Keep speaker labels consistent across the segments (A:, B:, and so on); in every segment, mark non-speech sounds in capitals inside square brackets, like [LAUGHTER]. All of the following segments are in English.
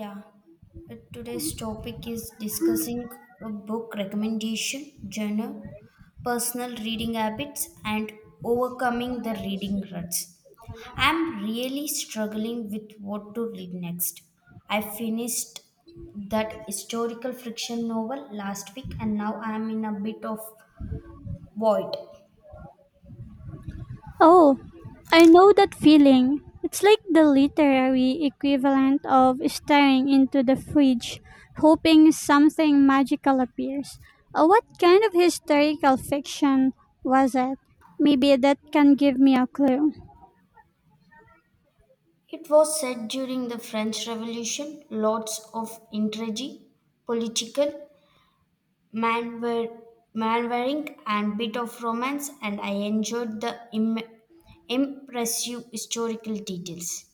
A: Yeah, today's topic is discussing a book recommendation, genre, personal reading habits, and overcoming the reading ruts. I'm really struggling with what to read next. I finished that historical fiction novel last week and now I'm in a bit of void.
B: Oh, I know that feeling. It's like the literary equivalent of staring into the fridge, hoping something magical appears. What kind of historical fiction was it? Maybe that can give me a clue.
A: It was set during the French Revolution, lots of intrigue, political man were Manwaring and bit of romance, and I enjoyed the impressive historical details.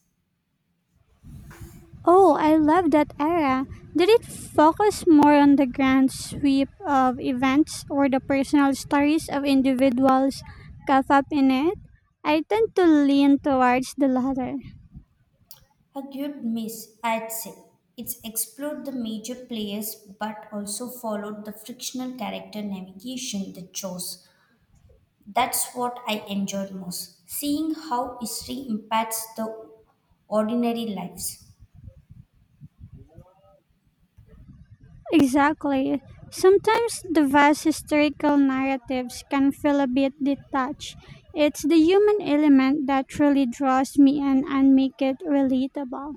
B: Oh, I love that era. Did it focus more on the grand sweep of events or the personal stories of individuals caught up in it? I tend to lean towards the latter.
A: A good miss, I'd say. It's explored the major players but also followed the frictional character navigation they chose. That's what I enjoyed most, seeing how history impacts the ordinary lives.
B: Exactly. Sometimes the vast historical narratives can feel a bit detached. It's the human element that truly draws me in and make it relatable.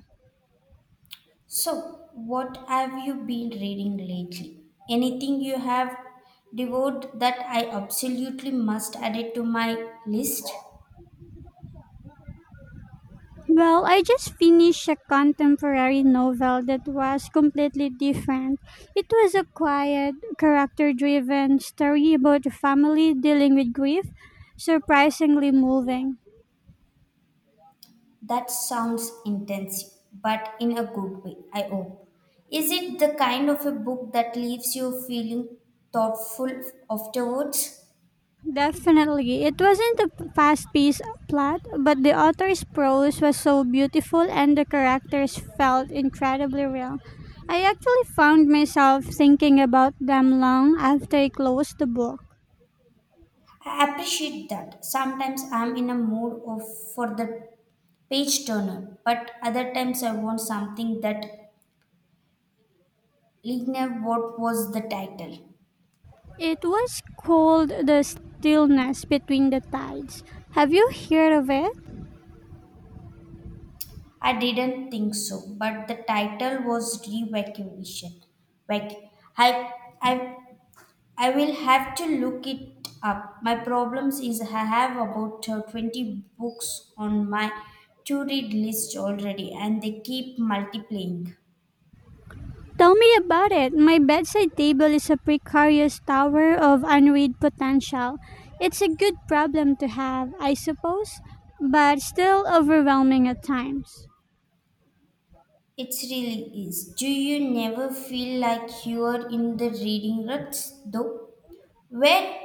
A: So, what have you been reading lately? Anything you have devoured that I absolutely must add it to my list?
B: Well, I just finished a contemporary novel that was completely different. It was a quiet, character-driven story about a family dealing with grief, surprisingly moving.
A: That sounds intensive, but in a good way, I hope. Is it the kind of a book that leaves you feeling thoughtful afterwards?
B: Definitely. It wasn't a fast paced plot, but the author's prose was so beautiful and the characters felt incredibly real. I actually found myself thinking about them long after I closed the book.
A: I appreciate that. Sometimes I'm in a mood of for the page turner, but other times I want something that linear. What was the title?
B: It was called The Stillness Between the Tides. Have you heard of it?
A: I didn't think so, but the title was Revacuation. Like I, I, I will have to look it up. My problems is I have about 20 books on my to-read list already, and they keep multiplying.
B: Tell me about it. My bedside table is a precarious tower of unread potential. It's a good problem to have, I suppose, but still overwhelming at times.
A: It really is. Do you never feel like you are in the reading ruts, though? Where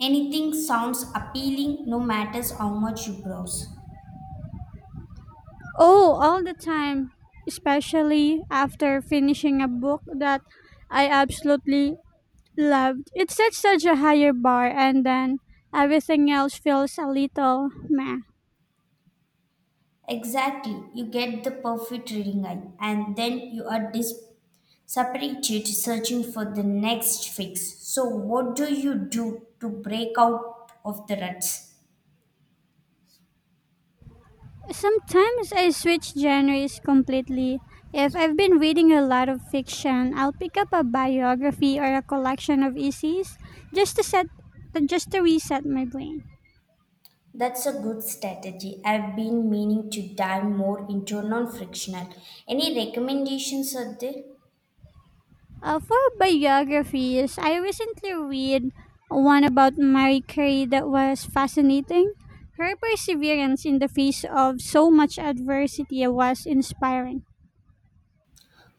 A: anything sounds appealing, no matter how much you browse.
B: Oh, all the time, especially after finishing a book that I absolutely loved. It sets such a higher bar, and then everything else feels a little meh.
A: Exactly, you get the perfect reading eye, and then you are dispirited searching for the next fix. So, what do you do to break out of the ruts?
B: Sometimes I switch genres completely. If I've been reading a lot of fiction, I'll pick up a biography or a collection of essays just to set just to reset my brain.
A: That's a good strategy. I've been meaning to dive more into non frictional. Any recommendations out there?
B: For biographies, I recently read one about Marie Curie that was fascinating. Her perseverance in the face of so much adversity was inspiring.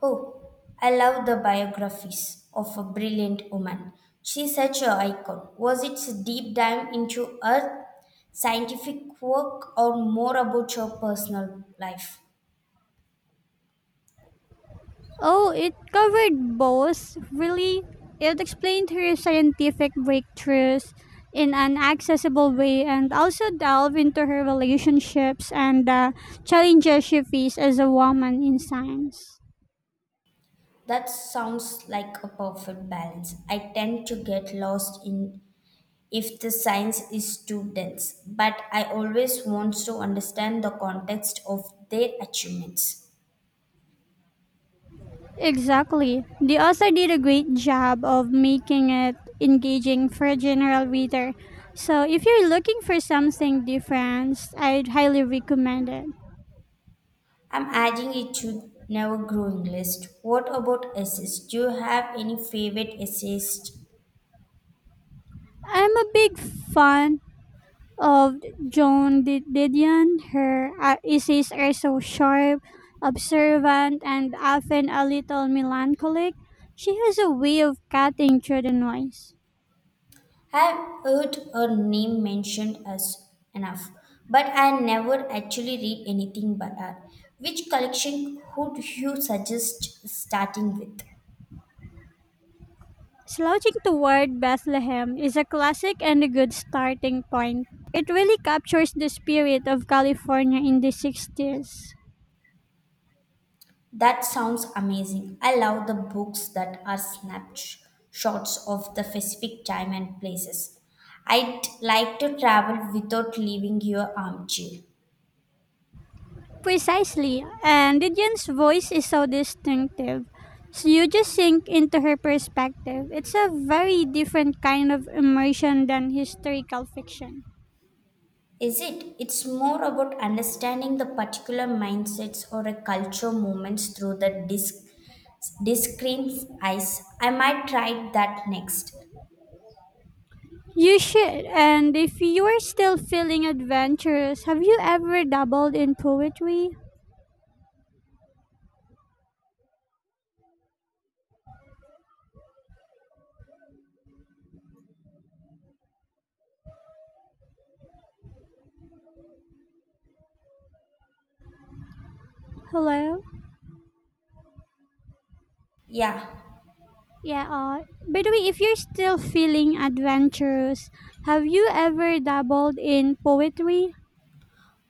A: Oh, I love the biographies of a brilliant woman. She's such an icon. Was it a deep dive into her scientific work or more about her personal life?
B: Oh, it covered both, really. It explained her scientific breakthroughs in an accessible way and also delved into her relationships and the challenges she faced as a woman in science.
A: That sounds like a perfect balance. I tend to get lost in if the science is too dense, but I always want to understand the context of their achievements.
B: Exactly. The author did a great job of making it engaging for a general reader. So, if you're looking for something different, I'd highly recommend it.
A: I'm adding it to never growing list. What about essays? Do you have any favorite essays?
B: I'm a big fan of Didion. Her essays are so sharp, observant, and often a little melancholic. She has a way of cutting through the noise.
A: I've heard her name mentioned as enough, but I never actually read anything by her. Which collection would you suggest starting with?
B: Slouching Toward Bethlehem is a classic and a good starting point. It really captures the spirit of California in the 60s.
A: That sounds amazing. I love the books that are snapshots of the specific time and places. I'd like to travel without leaving your armchair.
B: Precisely, and Lydian's voice is so distinctive. So you just sink into her perspective. It's a very different kind of immersion than historical fiction.
A: Is it? It's more about understanding the particular mindsets or a culture movements through the discreet's eyes. I might try that next.
B: You should, and if you are still feeling adventurous, have you ever dabbled in poetry? Hello?
A: Yeah,
B: Yeah, by the way, if you're still feeling adventurous, have you ever dabbled in poetry?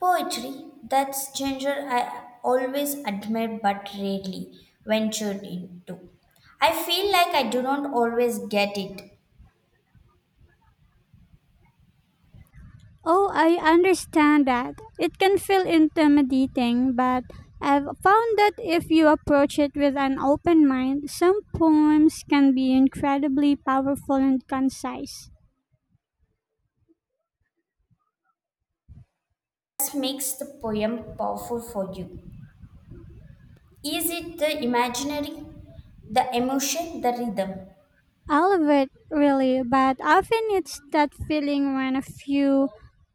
A: poetry. That's genre I always admired but rarely ventured into. I feel like I do not always get it.
B: Oh, I understand that. It can feel intimidating, but I've found that if you approach it with an open mind, some poems can be incredibly powerful and concise.
A: This makes the poem powerful for you. Is it the imaginary, the emotion, the rhythm?
B: All of it, really, but often it's that feeling when a few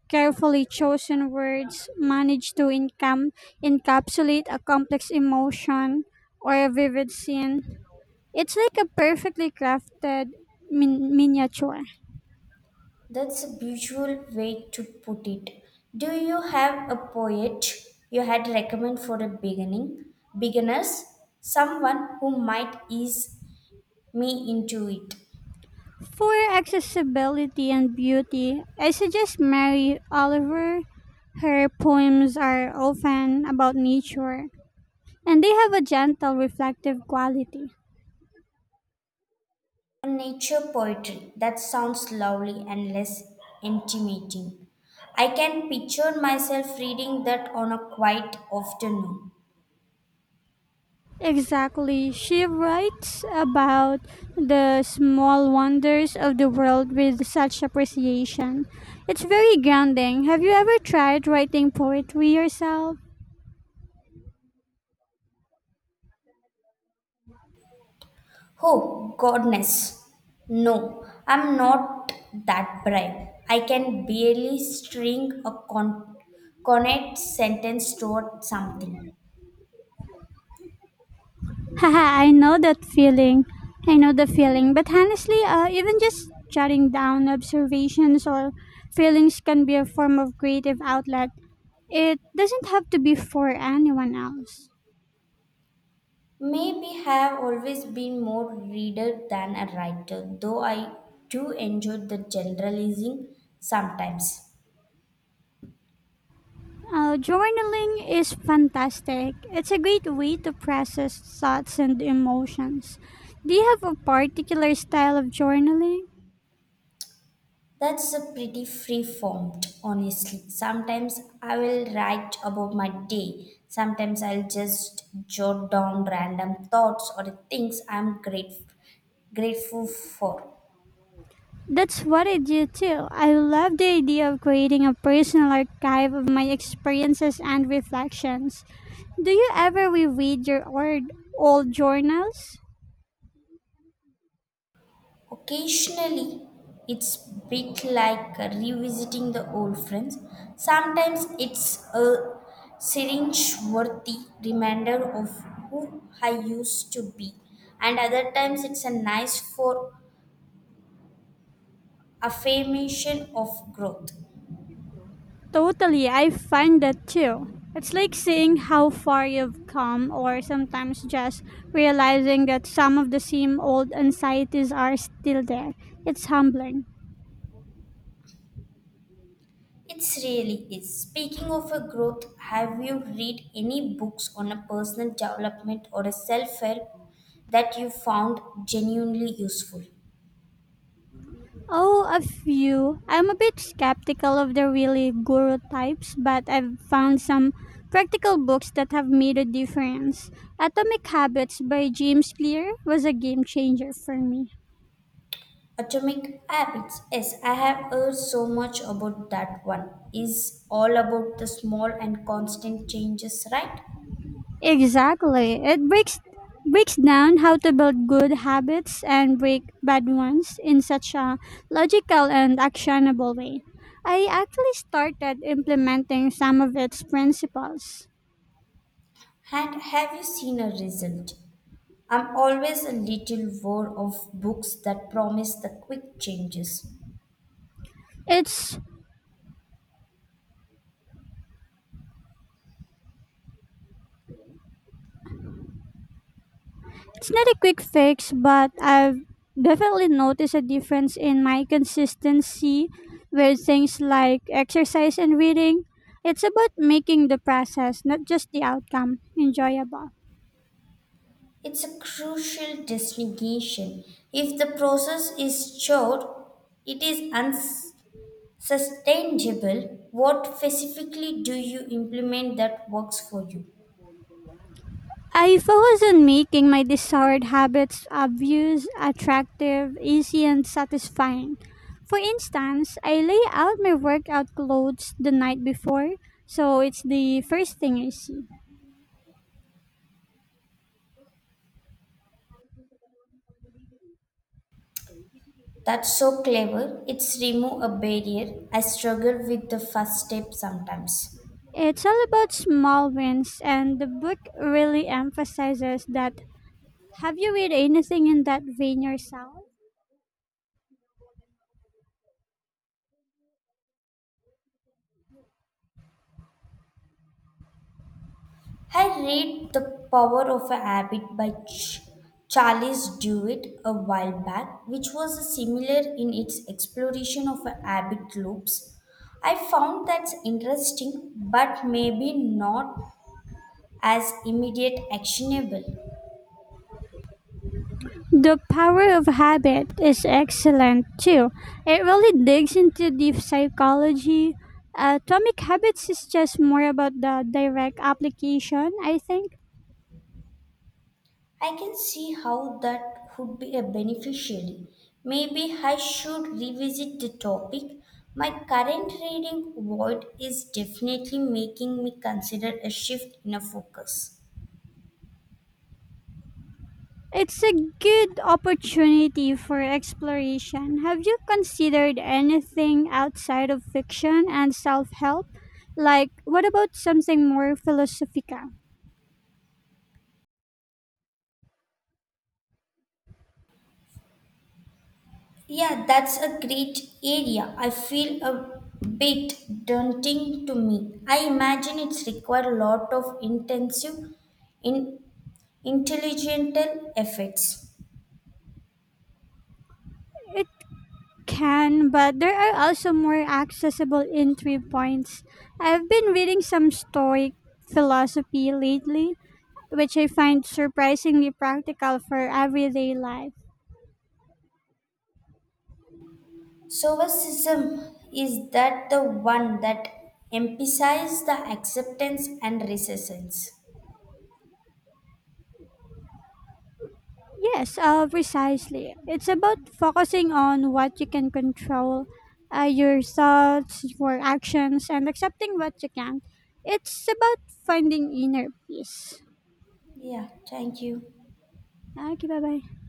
B: carefully chosen words manage to encapsulate a complex emotion or a vivid scene. It's like a perfectly crafted miniature.
A: That's a beautiful way to put it. Do you have a poet you had recommend for a beginning beginners? Someone who might ease me into it.
B: For accessibility and beauty, I suggest Mary Oliver. Her poems are often about nature, and they have a gentle reflective quality.
A: Nature poetry that sounds lovely and less intimidating. I can picture myself reading that on a quiet afternoon.
B: Exactly, she writes about the small wonders of the world with such appreciation. It's very grounding. Have you ever tried writing poetry yourself?
A: Oh, goodness. No, I'm not that bright. I can barely string a connect sentence toward something.
B: [LAUGHS] Haha, I know that feeling. I know the feeling. But honestly, even just jotting down observations or feelings can be a form of creative outlet. It doesn't have to be for anyone else.
A: Maybe have always been more reader than a writer, though I do enjoy the generalizing sometimes.
B: Journaling is fantastic. It's a great way to process thoughts and emotions. Do you have a particular style of journaling?
A: That's a pretty free formed, honestly. Sometimes I will write about my day. Sometimes I'll just jot down random thoughts or things I'm grateful for.
B: That's what I do too. I love the idea of creating a personal archive of my experiences and reflections. Do you ever reread your old journals?
A: Occasionally, it's bit like revisiting the old friends. Sometimes it's a syringe-worthy reminder of who I used to be, and other times it's a nice for affirmation of growth.
B: Totally, I find that too. It's like seeing how far you've come, or sometimes just realizing that some of the same old anxieties are still there. It's humbling.
A: It's really is. Speaking of a growth, have you read any books on a personal development or a self-help that you found genuinely useful?
B: Oh, a few. I'm a bit skeptical of the really guru types, but I've found some practical books that have made a difference. Atomic Habits by James Clear was a game changer for me.
A: Atomic Habits. Yes, I have heard so much about that one. Is all about the small and constant changes, right?
B: Exactly. It breaks down how to build good habits and break bad ones in such a logical and actionable way. I actually started implementing some of its principles.
A: And have you seen a result? I'm always a little wore of books that promise the quick changes.
B: It's It's not a quick fix, but I've definitely noticed a difference in my consistency with things like exercise and reading. It's about making the process, not just the outcome, enjoyable.
A: It's a crucial distinction. If the process is short, it is unsustainable. What specifically do you implement that works for you?
B: I focus on making my desired habits obvious, attractive, easy, and satisfying. For instance, I lay out my workout clothes the night before, so it's the first thing I see.
A: That's so clever. It's remove a barrier. I struggle with the first step sometimes.
B: It's all about small wins, and the book really emphasizes that. Have you read anything in that vein yourself?
A: I read The Power of a Habit by Charles Duhigg a while back, which was similar in its exploration of habit loops. I found that's interesting, but maybe not as immediate actionable.
B: The Power of Habit is excellent too. It really digs into the psychology. Atomic Habits is just more about the direct application, I think.
A: I can see how that could be a beneficiary. Maybe I should revisit the topic. My current reading void is definitely making me consider a shift in a focus.
B: It's a good opportunity for exploration. Have you considered anything outside of fiction and self help? Like, what about something more philosophical?
A: Yeah, that's a great area. I feel a bit daunting to me. I imagine it's required a lot of intensive in intelligential efforts.
B: It can, but there are also more accessible entry points. I've been reading some Stoic philosophy lately, which I find surprisingly practical for everyday life.
A: Sovicism is that the one that emphasizes the acceptance and resistance.
B: Yes, precisely. It's about focusing on what you can control, your thoughts, your actions, and accepting what you can't. It's about finding inner peace.
A: Yeah, thank you.
B: Okay, bye bye.